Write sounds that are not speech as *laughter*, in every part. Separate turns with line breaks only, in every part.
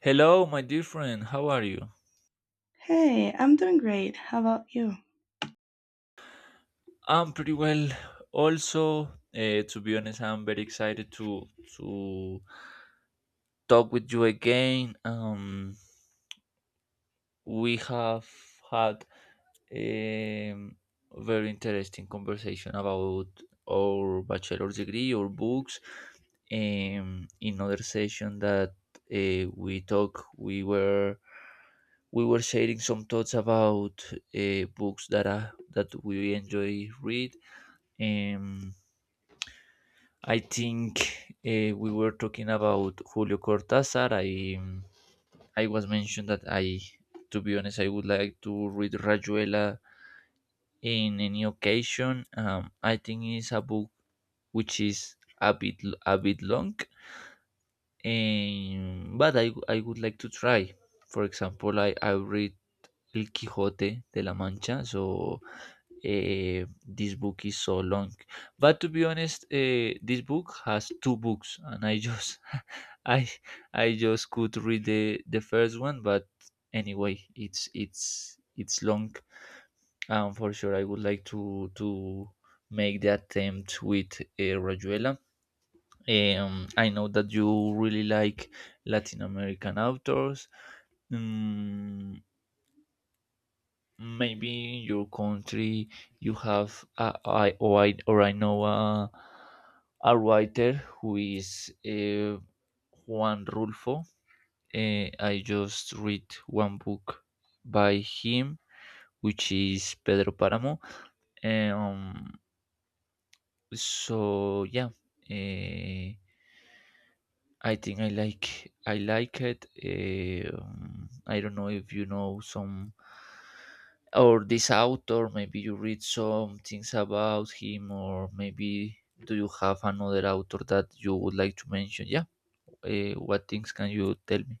Hello, my dear friend. How are you?
Hey, I'm doing great. How about you?
I'm pretty well. Also, to be honest, I'm very excited to talk with you again. We have had a very interesting conversation about our bachelor's degree or books in other session that uh, we talk we were we were sharing some thoughts about books that we enjoy read. um, I think we were talking about Julio Cortázar. I was mentioned that to be honest, I would like to read Rajuela in any occasion. I think it's a book which is a bit long, and but I would like to try. For example, I read El Quijote de la Mancha, so this book is so long, but to be honest, this book has two books and I just *laughs* i I just could read the first one, but anyway it's long. And for sure I would like to make the attempt with Rajuela. I know that you really like Latin American authors. Mm, Maybe in your country you have a, I, or I or I know a writer who is Juan Rulfo. I just read one book by him, which is Pedro Paramo. Um, so yeah, uh, I think I like it. I don't know if you know some or this author. Maybe you read some things about him, or maybe do you have another author that you would like to mention? Yeah. What things can you tell me?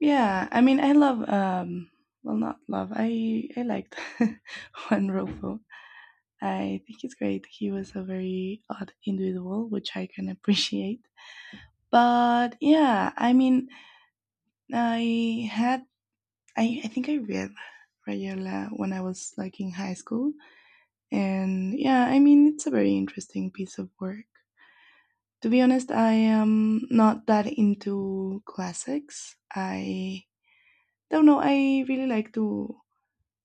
Yeah, I mean, I love well, not love. I liked *laughs* Juan Rulfo. I think it's great. He was a very odd individual, which I can appreciate. But yeah, I mean, I had I think I read Rayola when I was like in high school, and yeah, I mean, it's a very interesting piece of work. To be honest, I am not that into classics. I don't know. I really like to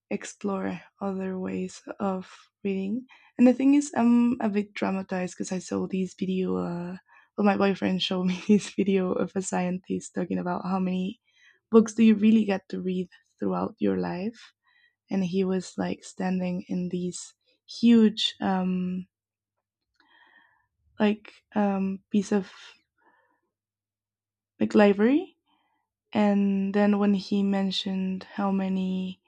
explore other ways of reading. And the thing is, I'm a bit traumatized because I saw this video. Well, my boyfriend showed me *laughs* this video of a scientist talking about how many books do you really get to read throughout your life. And he was like standing in this huge, like, piece of like library. And then when he mentioned how many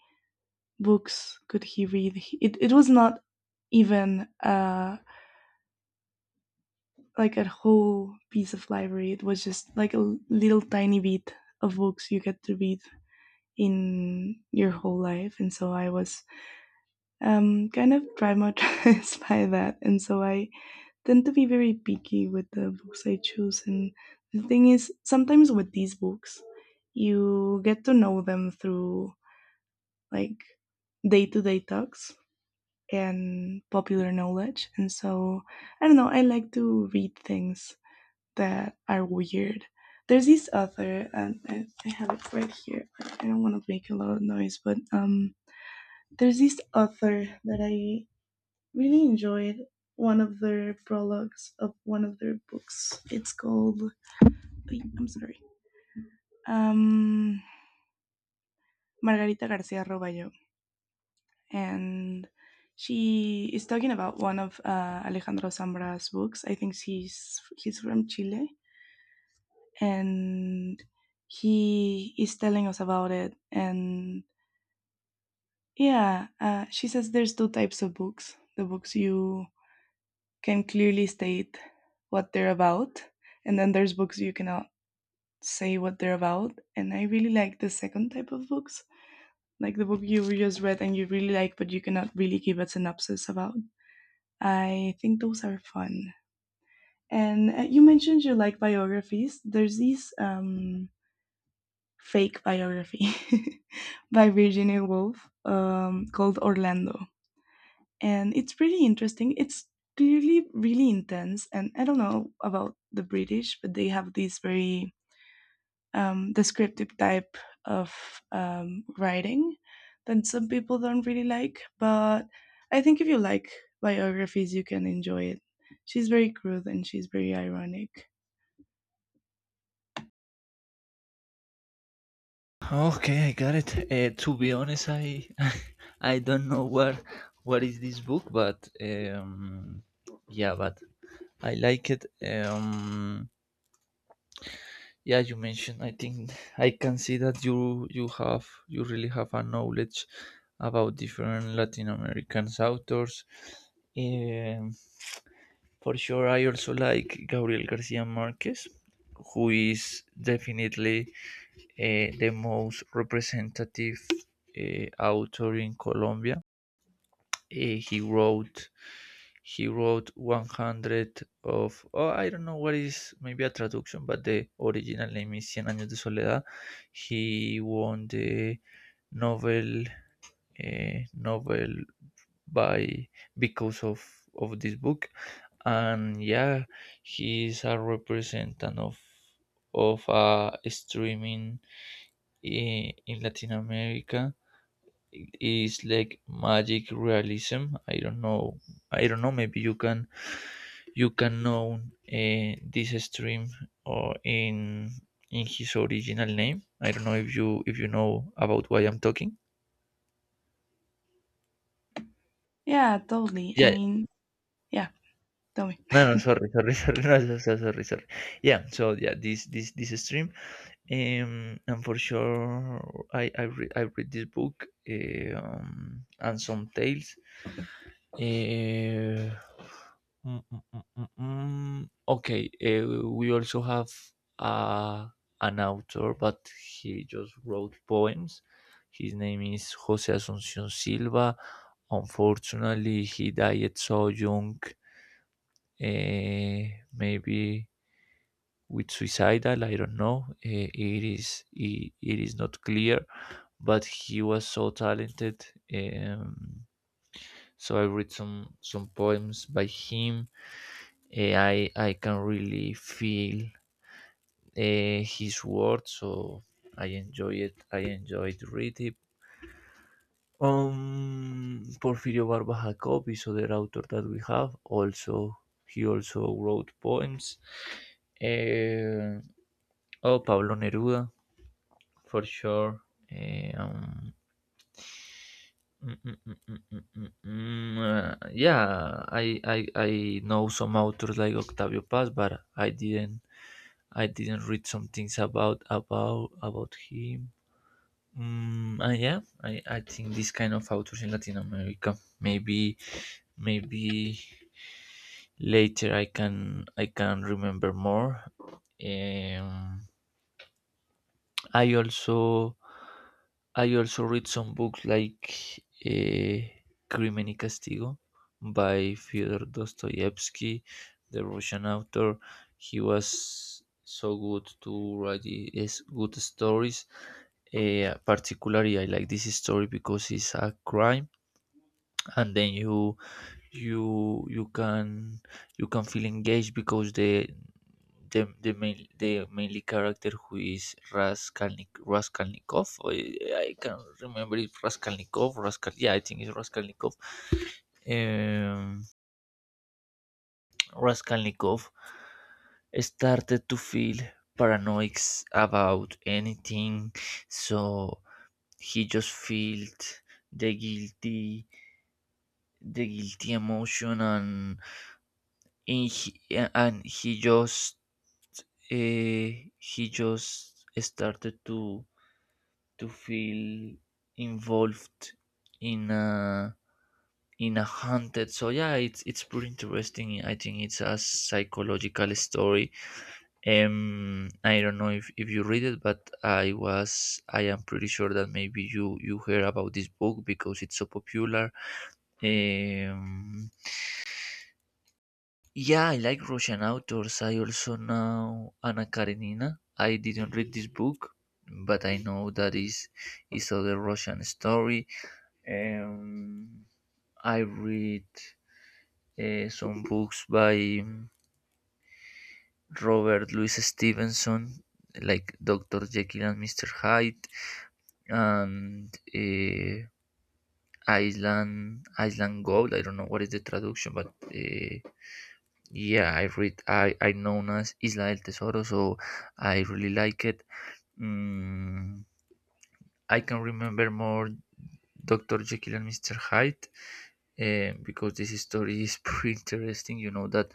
books could he read? It was not even like a whole piece of library. It was just like a little tiny bit of books you get to read in your whole life. And so I was kind of traumatized *laughs* by that. And so I tend to be very picky with the books I choose. And the thing is, sometimes with these books, you get to know them through like day to day talks and popular knowledge. And so, I don't know, I like to read things that are weird. There's this author, and I have it right here. I don't want to make a lot of noise, but there's this author that I really enjoyed one of their prologues of one of their books. It's called, I'm sorry, um, Margarita Garcia Roballo, and she is talking about one of Alejandro Zambra's books. I think he's from Chile, and he is telling us about it. And yeah, she says there's two types of books: the books you can clearly state what they're about, and then there's books you cannot say what they're about. And I really like the second type of books, like the book you just read and you really like, but you cannot really give a synopsis about. I think those are fun. And you mentioned you like biographies. There's this fake biography *laughs* by Virginia Woolf called Orlando. And it's pretty interesting. It's clearly really intense. And I don't know about the British, but they have these very descriptive type of writing that some people don't really like. But I think if you like biographies, you can enjoy it. She's very crude and she's very ironic.
Okay, I got it. To be honest, I *laughs* I don't know what is this book, but yeah, but I like it. Um, yeah, you mentioned, I think, *laughs* I can see that you really have a knowledge about different Latin American authors. um, for sure I also like Gabriel Garcia Marquez, who is definitely the most representative author in Colombia. eh, he wrote he wrote 100 of, oh, I don't know what is, maybe a traduction, but the original name is Cien años de soledad. He won the novel, novel, by, because of this book. And yeah, he is a representative of streaming in Latin America. It's like magic realism. I don't know. I don't know. Maybe you can know this stream, or in his original name. I don't know if you know about why I'm talking.
Yeah, totally. I
Yeah.
mean, yeah. Tell me.
No, no.
*laughs*
Sorry, sorry, *laughs* sorry. No, so- so- Sorry, sorry. Yeah. So yeah, this stream. And for sure, I read this book. And some tales. Uh, Mm, mm, mm, mm, mm. Okay, we also have uh, an author, but he just wrote poems. His name is Jose Asuncion Silva. Unfortunately, he died so young, uh, maybe with suicidal. I don't know. It is not clear, but he was so talented. Um, so I read some poems by him. I can really feel his words, so I enjoy it. I enjoyed read it. Porfirio Barba Jacob is other author that we have. Also, he also wrote poems. Eh, oh, Pablo Neruda, for sure. Eh, mm, mm, mm, mm, mm, mm, mm, mm, Yeah, I know some authors like Octavio Paz, but I didn't read some things about him. And yeah, I think this kind of authors in Latin America. Maybe later I can remember more. Um, I also I also read some books like Crimen y Castigo by Fyodor Dostoevsky, the Russian author. He was so good to write his good stories. Particularly, I like this story because it's a crime, and then you you can you can feel engaged because the main, the mainly character, who is Raskolnikov. I can't remember if Raskolnikov Raskol yeah, I think it's Raskolnikov. um, Raskolnikov started to feel paranoid about anything, so he just felt the guilty the guilty emotion. In he, and uh, he just started to feel involved in a haunted. So yeah, it's pretty interesting. I think it's a psychological story. I don't know if you read it, but I am pretty sure that maybe you hear about this book because it's so popular. um Yeah, I like Russian authors. I also know Anna Karenina. I didn't read this book, but I know that is other Russian story. Um, I read some books by Robert Louis Stevenson, like Doctor Jekyll and Mister Hyde, and Island Gold. I don't know what is the traduction, but yeah, I read. I known as Isla del Tesoro, so I really like it. Mm, I can remember more Doctor Jekyll and Mister Hyde, because this story is *laughs* pretty interesting. You know that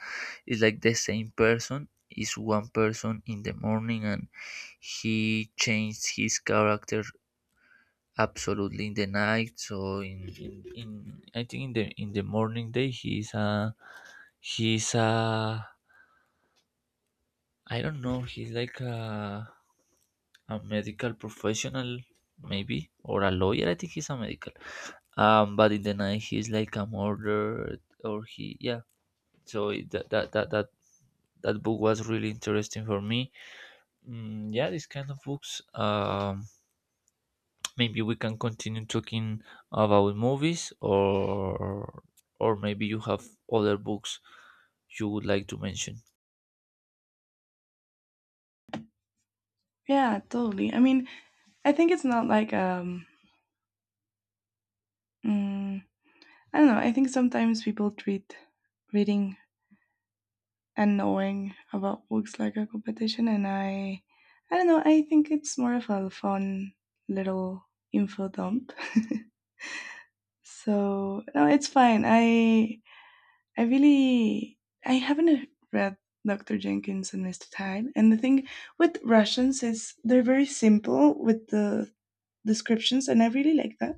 it's like the same person is one person in the morning, and he changed his character absolutely in the night. So in, I think in the morning day, he's a, I don't know, he's like a medical professional, maybe, or a lawyer. I think he's a medical. But in the night, he's like a murderer, yeah. So that, that book was really interesting for me. Mm, yeah, these kind of books. Maybe we can continue talking about movies, or maybe you have other books you would like to mention.
Yeah, totally. I mean, I think it's not like mm, I don't know. I think sometimes people treat reading and knowing about books like a competition, and I don't know. I think it's more of a fun little info dump. *laughs* So no, it's fine. I really I haven't read Dr. Jenkins and Mr. Hyde. And the thing with Russians is they're very simple with the descriptions and I really like that.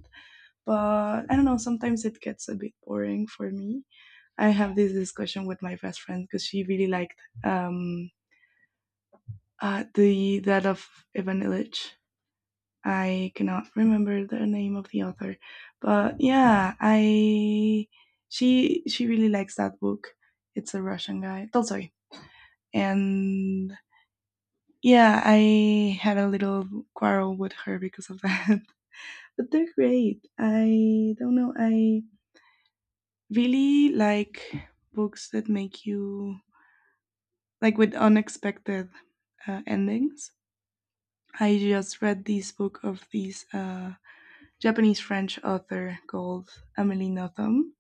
But I don't know, sometimes it gets a bit boring for me. I have this discussion with my best friend because she really liked the that of Ivan Illich. I cannot remember the name of the author. But yeah, I she really likes that book. It's a Russian guy. Tolstoy, and yeah, I had a little quarrel with her because of that. *laughs* But they're great. I don't know. I really like books that make you like with unexpected endings. I just read this book of this Japanese French author called Amélie Nothomb.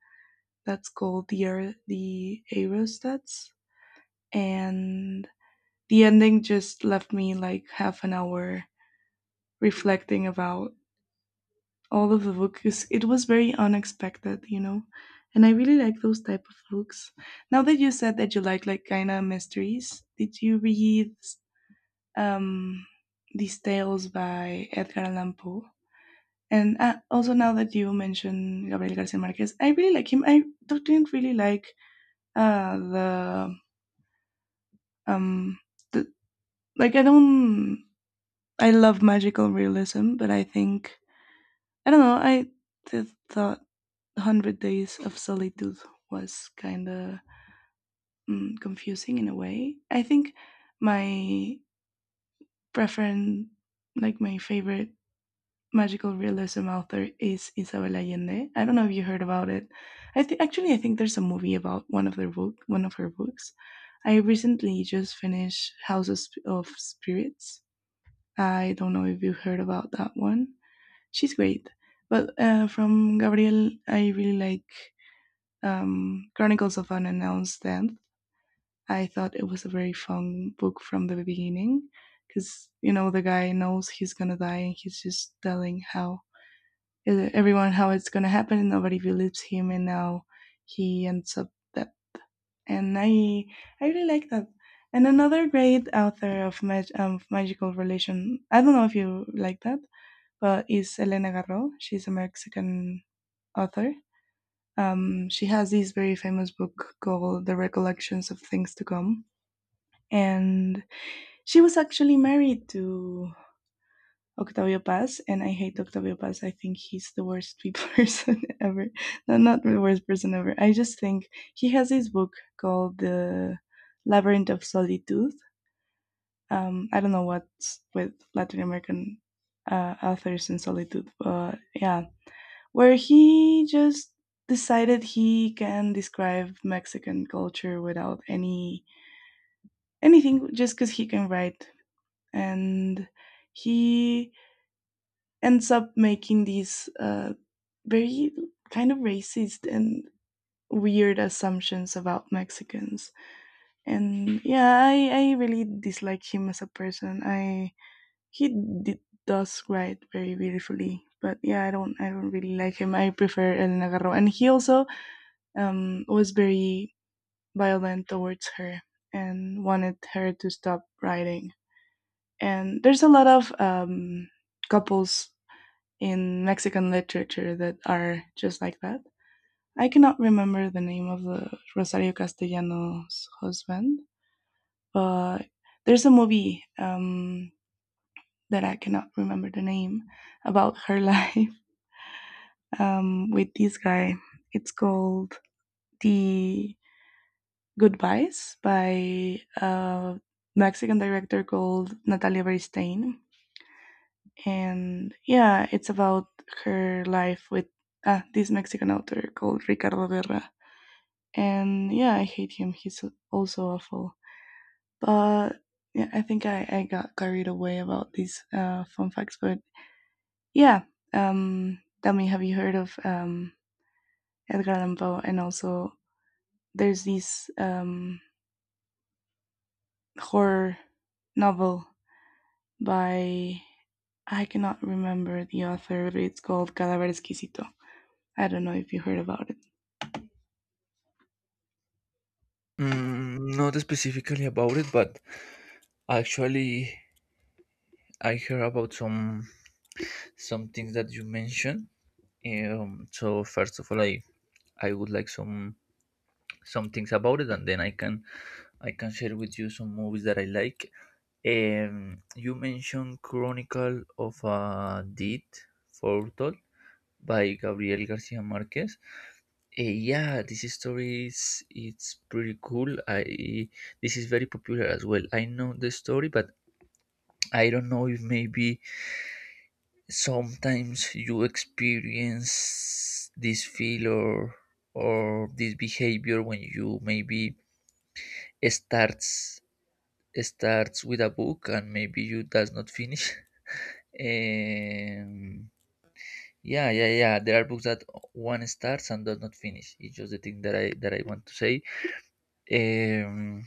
That's called the the Aerostats, and the ending just left me like half an hour reflecting about all of the books. It was very unexpected, you know. And I really like those type of books. Now that you said that you like kind of mysteries, did you read um these tales by Edgar Allan Poe? And also now that you mentioned Gabriel Garcia Marquez, I really like him. I don't- Didn't really like uh the um the, like I don't I love magical realism, but I think I don't know. Thought 100 Days of Solitude was kind of confusing in a way. I think my preference, like my favorite magical realism author is Isabel Allende. I don't know if you heard about it. I think there's a movie about one of their book, one of her books. I recently just finished Houses of Spirits. I don't know if you heard about that one. She's great. But from Gabriel, I really like Chronicles of an Announced Death. I thought it was a very fun book from the beginning because, you know, the guy knows he's going to die and he's just telling how everyone how it's going to happen and nobody believes him and now he ends up that. And I really like that. And another great author of magical relation, I don't know if you like that, but is Elena Garro. She's a Mexican author, she has this very famous book called The Recollections of Things to Come. And she was actually married to Octavio Paz, and I hate Octavio Paz. I think he's the worst person *laughs* ever. No, not the worst person ever. I just think he has this book called The Labyrinth of Solitude. I don't know what's with Latin American authors and solitude, but yeah, where he just decided he can describe Mexican culture without anything just because he can write and he ends up making these very kind of racist and weird assumptions about Mexicans. And yeah, I really dislike him as a person. He d- does write very beautifully, but yeah, I don't really like him. I prefer El Nagarro, and he also was very violent towards her and wanted her to stop writing. And there's a lot of couples in Mexican literature that are just like that. I cannot remember the name of the Rosario Castellanos husband, but there's a movie that I cannot remember the name about her *laughs* life with this guy. It's called The Goodbyes by a Mexican director called Natalia Beristain. And yeah, it's about her life with this Mexican author called Ricardo Guerra. And yeah, I hate him. He's also awful. But yeah, I think I got carried away about these fun facts. But yeah, tell me, have you heard of Edgar Allan Poe? And also, there's this horror novel by I cannot remember the author, but it's called Cadaver Exquisito. I don't know if you heard about it.
Mm, not specifically about it, but actually, I hear about some things that you mentioned. So first of all, I would like some things about it, and then I can share with you some movies that I like. You mentioned Chronicle of a Deed Foretold by Gabriel Garcia Marquez. Yeah, this story is it's pretty cool. I This is very popular as well. I know the story, but I don't know if maybe sometimes you experience this feel or this behavior when you maybe starts starts with a book and maybe you does not finish. *laughs* um, yeah, yeah, yeah, there are books that one starts and does not finish. It's just the thing that I want to say. um,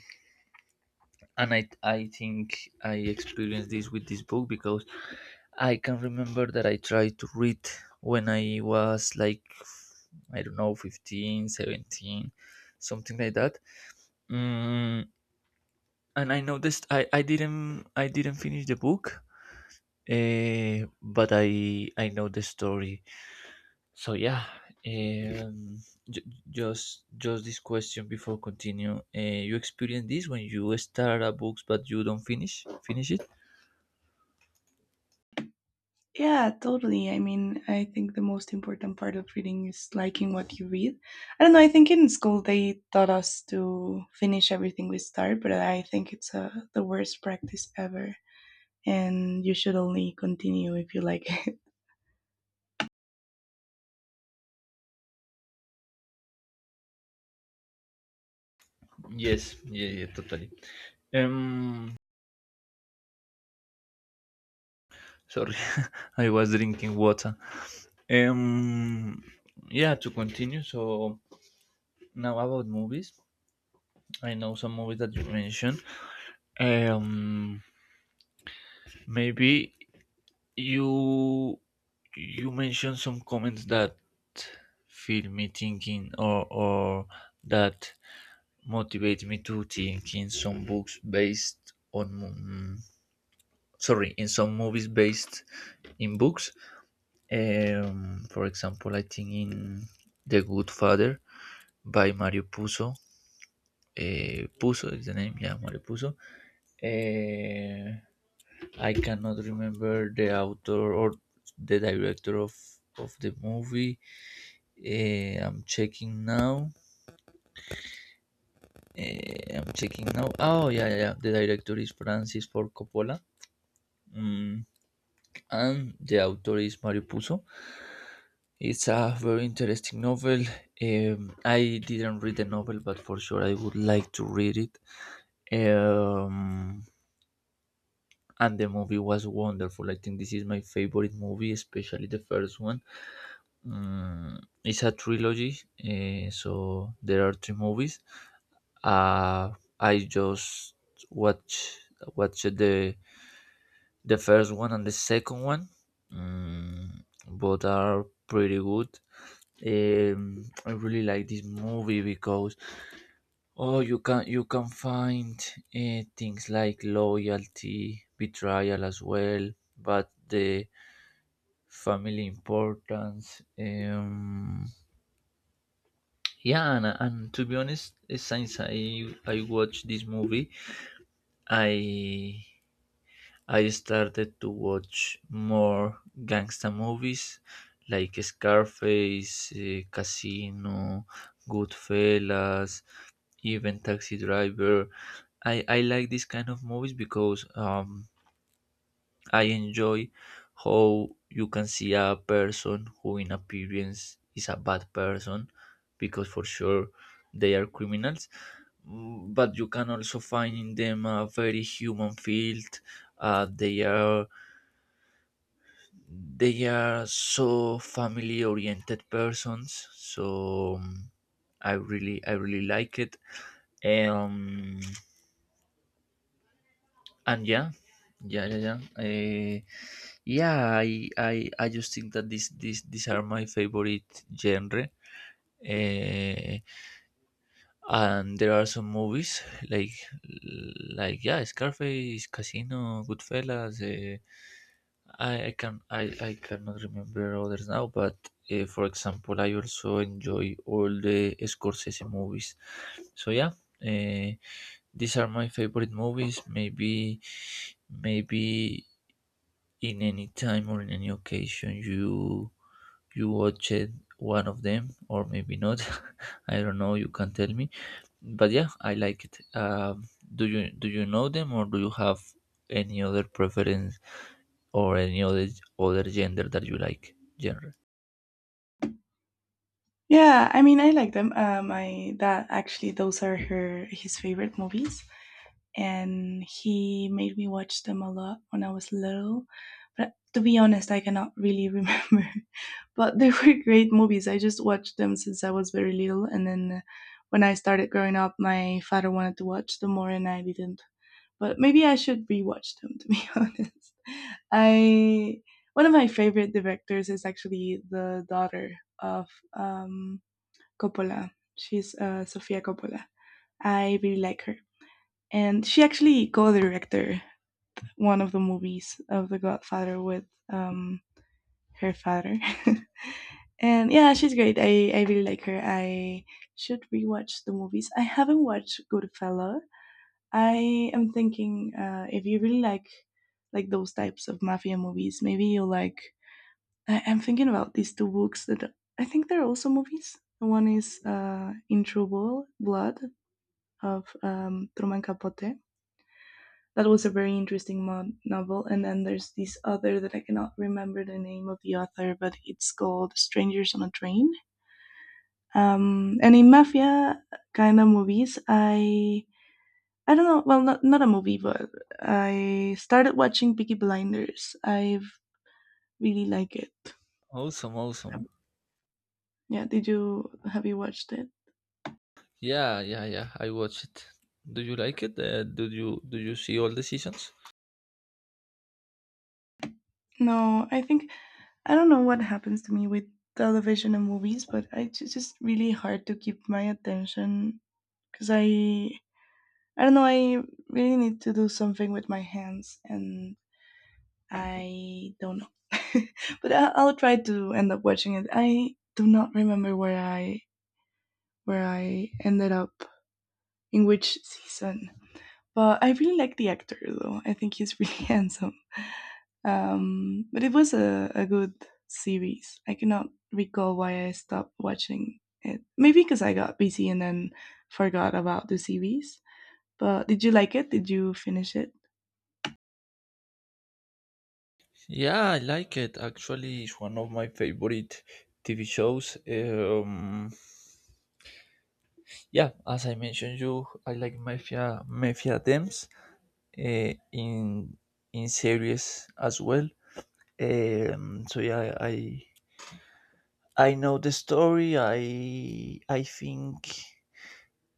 and I think I experienced this with this book because I can remember that I tried to read when I was like, I don't know, 15, 17, something like that. Mm, and I noticed I didn't finish the book, but I know the story. So yeah, um, j- just this question before continue. You experience this when you start a book but you don't finish it?
Yeah, totally. I mean, I think the most important part of reading is liking what you read. I don't know, I think in school they taught us to finish everything we start, but I think it's the worst practice ever. And you should only continue if you like it. *laughs*
Yes, yeah, yeah, totally. Um, Sorry, *laughs* I was drinking water. Um, yeah, to continue. So now about movies, I know some movies that you mentioned. Um, maybe you you mentioned some comments that feel me thinking or that motivate me to think in some books based on. mm, Sorry, in some movies based in books. For example, I think in The Good Father by Mario Puzo. Puzo is the name, yeah, Mario Puzo. Uh, I cannot remember the author or the director of the movie. Uh, I'm checking now. I'm checking now. Oh, yeah, yeah, yeah. The director is Francis Ford Coppola. Mm, and the author is Mario Puzo. It's a very interesting novel. I didn't read the novel, but for sure I would like to read it. Um, and the movie was wonderful. I think this is my favorite movie, especially the first one. Mm, it's a trilogy, so there are three movies. Uh, I just watch watch the first one and the second one. Mm, both are pretty good. I really like this movie because, oh, you can find things like loyalty, betrayal as well, but the family importance. Yeah, and to be honest, since I watched this movie, I I started to watch more gangster movies like Scarface, Casino, Goodfellas, even Taxi Driver. I like this kind of movies because I enjoy how you can see a person who, in appearance, is a bad person because for sure they are criminals. But you can also find in them a very human field. Uh, they are they are so family oriented persons, so I really like it. Um, and yeah yeah yeah yeah yeah I just think that these are my favorite genre. uh, and there are some movies like like Scarface, Casino, Goodfellas. I cannot remember others now, but for example, I also enjoy all the Scorsese movies. So uh, these are my favorite movies. Maybe in any time or in any occasion you watched one of them, or maybe not. *laughs* I don't know, you can tell me. But yeah, I like it. Do you know them, or do you have any other preference, or any other gender that you like? Genre.
Yeah, I mean, I like them. My dad actually, those are her his favorite movies, and he made me watch them a lot when I was little. But to be honest, I cannot really remember. *laughs* But they were *laughs* great movies. I just watched them since I was very little, and then when I started growing up, my father wanted to watch them more, and I didn't. But maybe I should rewatch them. To be *laughs* honest, I one of my favorite directors is actually the daughter of um, Coppola. She's Sofia Coppola. I really like her, and she actually co-directed one of the movies of The Godfather with um, her father. *laughs* And yeah, she's great. I really like her. I should rewatch the movies. I haven't watched Goodfella. I am thinking if you really like those types of mafia movies, maybe you'll like. I'm thinking about these two books that I think they're also movies. One is In True Blood of Truman Capote, that was a very interesting novel. And then there's this other that I cannot remember the name of the author, but it's called Strangers on a Train. And in mafia kind of movies, I don't know. Well, not not a movie, but I started watching Peaky Blinders. I've really like it.
Awesome, awesome.
Yeah, did you have you watched it?
Yeah, yeah, yeah, I watch it. Do you like it? Do you see all the seasons?
No, I think I don't know what happens to me with television and movies, but I it's just really hard to keep my attention because I don't know. I really need to do something with my hands, and I don't know. *laughs* But I'll try to end up watching it. I do not remember where I ended up in which season, but I really like the actor though. I think he's really *laughs* handsome. But it was a good series. I cannot recall why I stopped watching it. Maybe because I got busy and then forgot about the series. But did you like it? Did you finish it?
Yeah, I like it. Actually, it's one of my favorite TV shows. Yeah, as I mentioned you, I like mafia themes uh, in in series as well. So yeah, I know the story. I think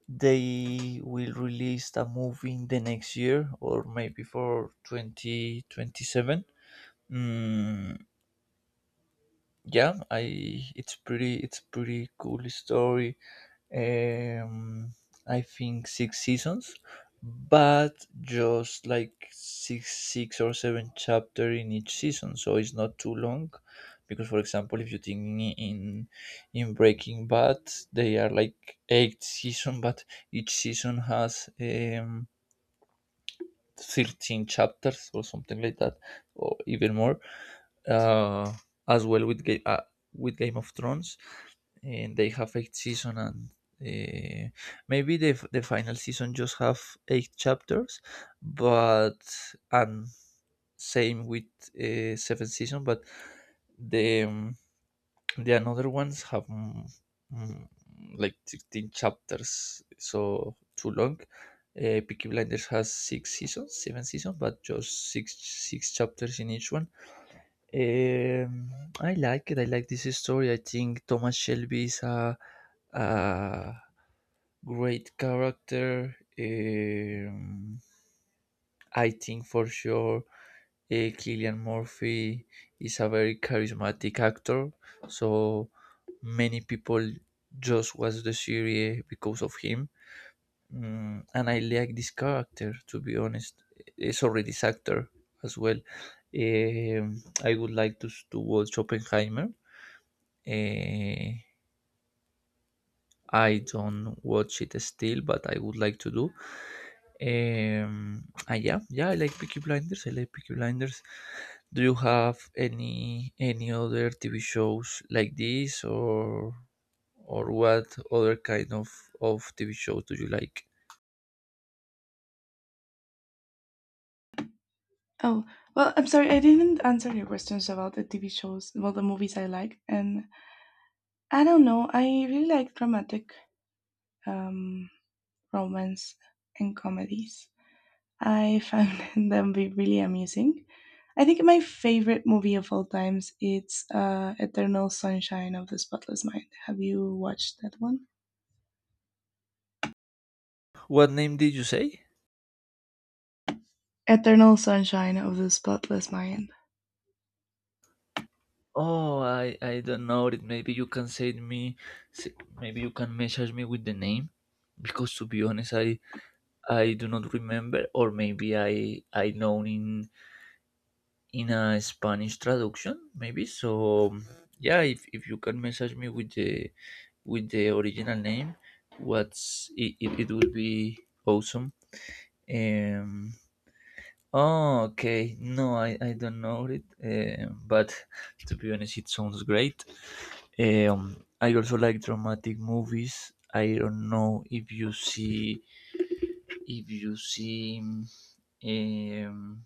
they will release a movie in the next year, or maybe for 2027. mm, yeah, I it's pretty cool story. um, I think six seasons, but just like six or seven chapter in each season, so it's not too long. Because, for example, if you think in Breaking Bad, they are like eight season, but each season has 13 chapters or something like that, or even more. Uh, as well with Game of Thrones, and they have eight season, and uh, maybe the final season just have eight chapters, but and same with seventh season, but the um, the another ones have mm, like 16 chapters, so too long. Peaky Blinders has six seasons, seven seasons, but just six chapters in each one. Um, I like it. I like this story. I think Thomas Shelby is a great character. I think for sure Killian Murphy is a very charismatic actor. So many people just watch the series because of him. Mm, and I like this character, to be honest. Sorry, this actor as well. I would like to, to watch Oppenheimer. Eh, I don't watch it still, but I would like to do. And yeah, yeah, I like Peaky Blinders. I like Peaky Blinders. Do you have any other TV shows like this, or what other kind of TV shows do you like?
Oh, well, I'm sorry, I didn't answer your questions about the TV shows, well, the movies I like. And I don't know, I really like dramatic um, romance, and comedies. I found *laughs* them be really amusing. I think my favorite movie of all times it's Eternal Sunshine of the Spotless Mind. Have you watched that one?
What name did you say?
Eternal Sunshine of the Spotless Mind.
Oh, I don't know it. Maybe you can send me. s- Maybe you can message me with the name, because to be honest, I do not remember, or maybe I know in a Spanish traduction, maybe. So yeah, if you can message me with the original name, what's it would be awesome. Um. Oh, okay. No, I don't know it. But to be honest, it sounds great. I also like dramatic movies. I don't know if you see if you see um,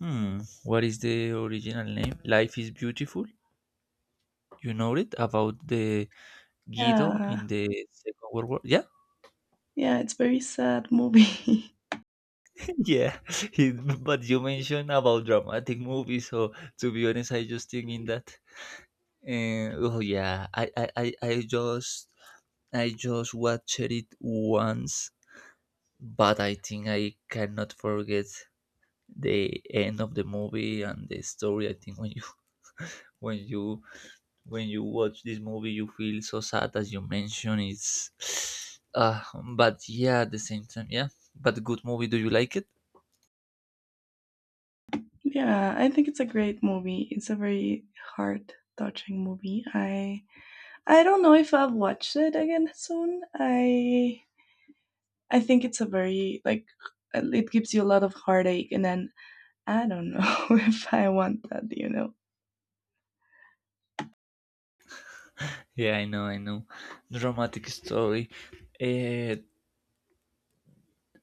hmm, what is the original name? Life is Beautiful. You know it, about the Guido
Yeah,
in the Second World War. Yeah.
yeah, it's very sad movie.
*laughs* Yeah. But you mentioned about dramatic movies, so to be honest, I just think in that. Oh yeah, I just watched it once, but I think I cannot forget the end of the movie and the story. I think when you *laughs* when you when you watch this movie, you feel so sad, as you mentioned. It's *sighs* but yeah, at the same time, yeah. But good movie. Do you like it?
*laughs* Yeah, I think it's a great movie. It's a very heart touching movie. I don't know if I'll watch it again soon. I think it's a very like it gives you a lot of heartache, and then I don't know *laughs* if I want that. You know.
Yeah, I know, I know. Dramatic story. Uh,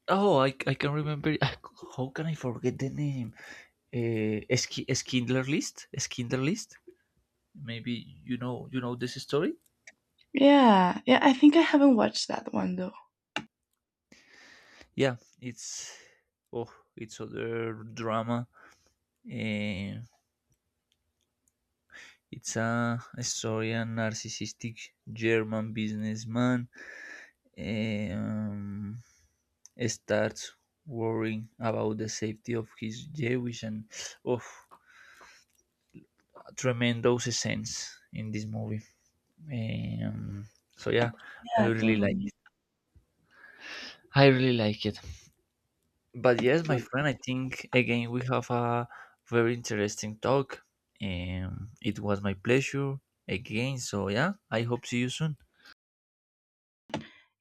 oh, I can remember. *laughs* How can I forget the name? Schindler List. Schindler List. Maybe you know this story.
Yeah, yeah. I think I haven't watched that one though.
Yeah, it's oh, it's other drama. Eh, it's a story of a narcissistic German businessman. eh, um, Starts worrying about the safety of his Jewish and of oh, tremendous sense in this movie. Eh, um, so yeah, i
Yeah,
really like
totally.
I really like it. But yes, my friend, I think again we have a very interesting talk. It was my pleasure again. So yeah, I hope see you soon.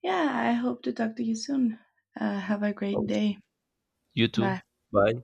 Yeah, I hope to talk to you soon. Have a great
Oh,
day.
you too.
Bye.
Bye.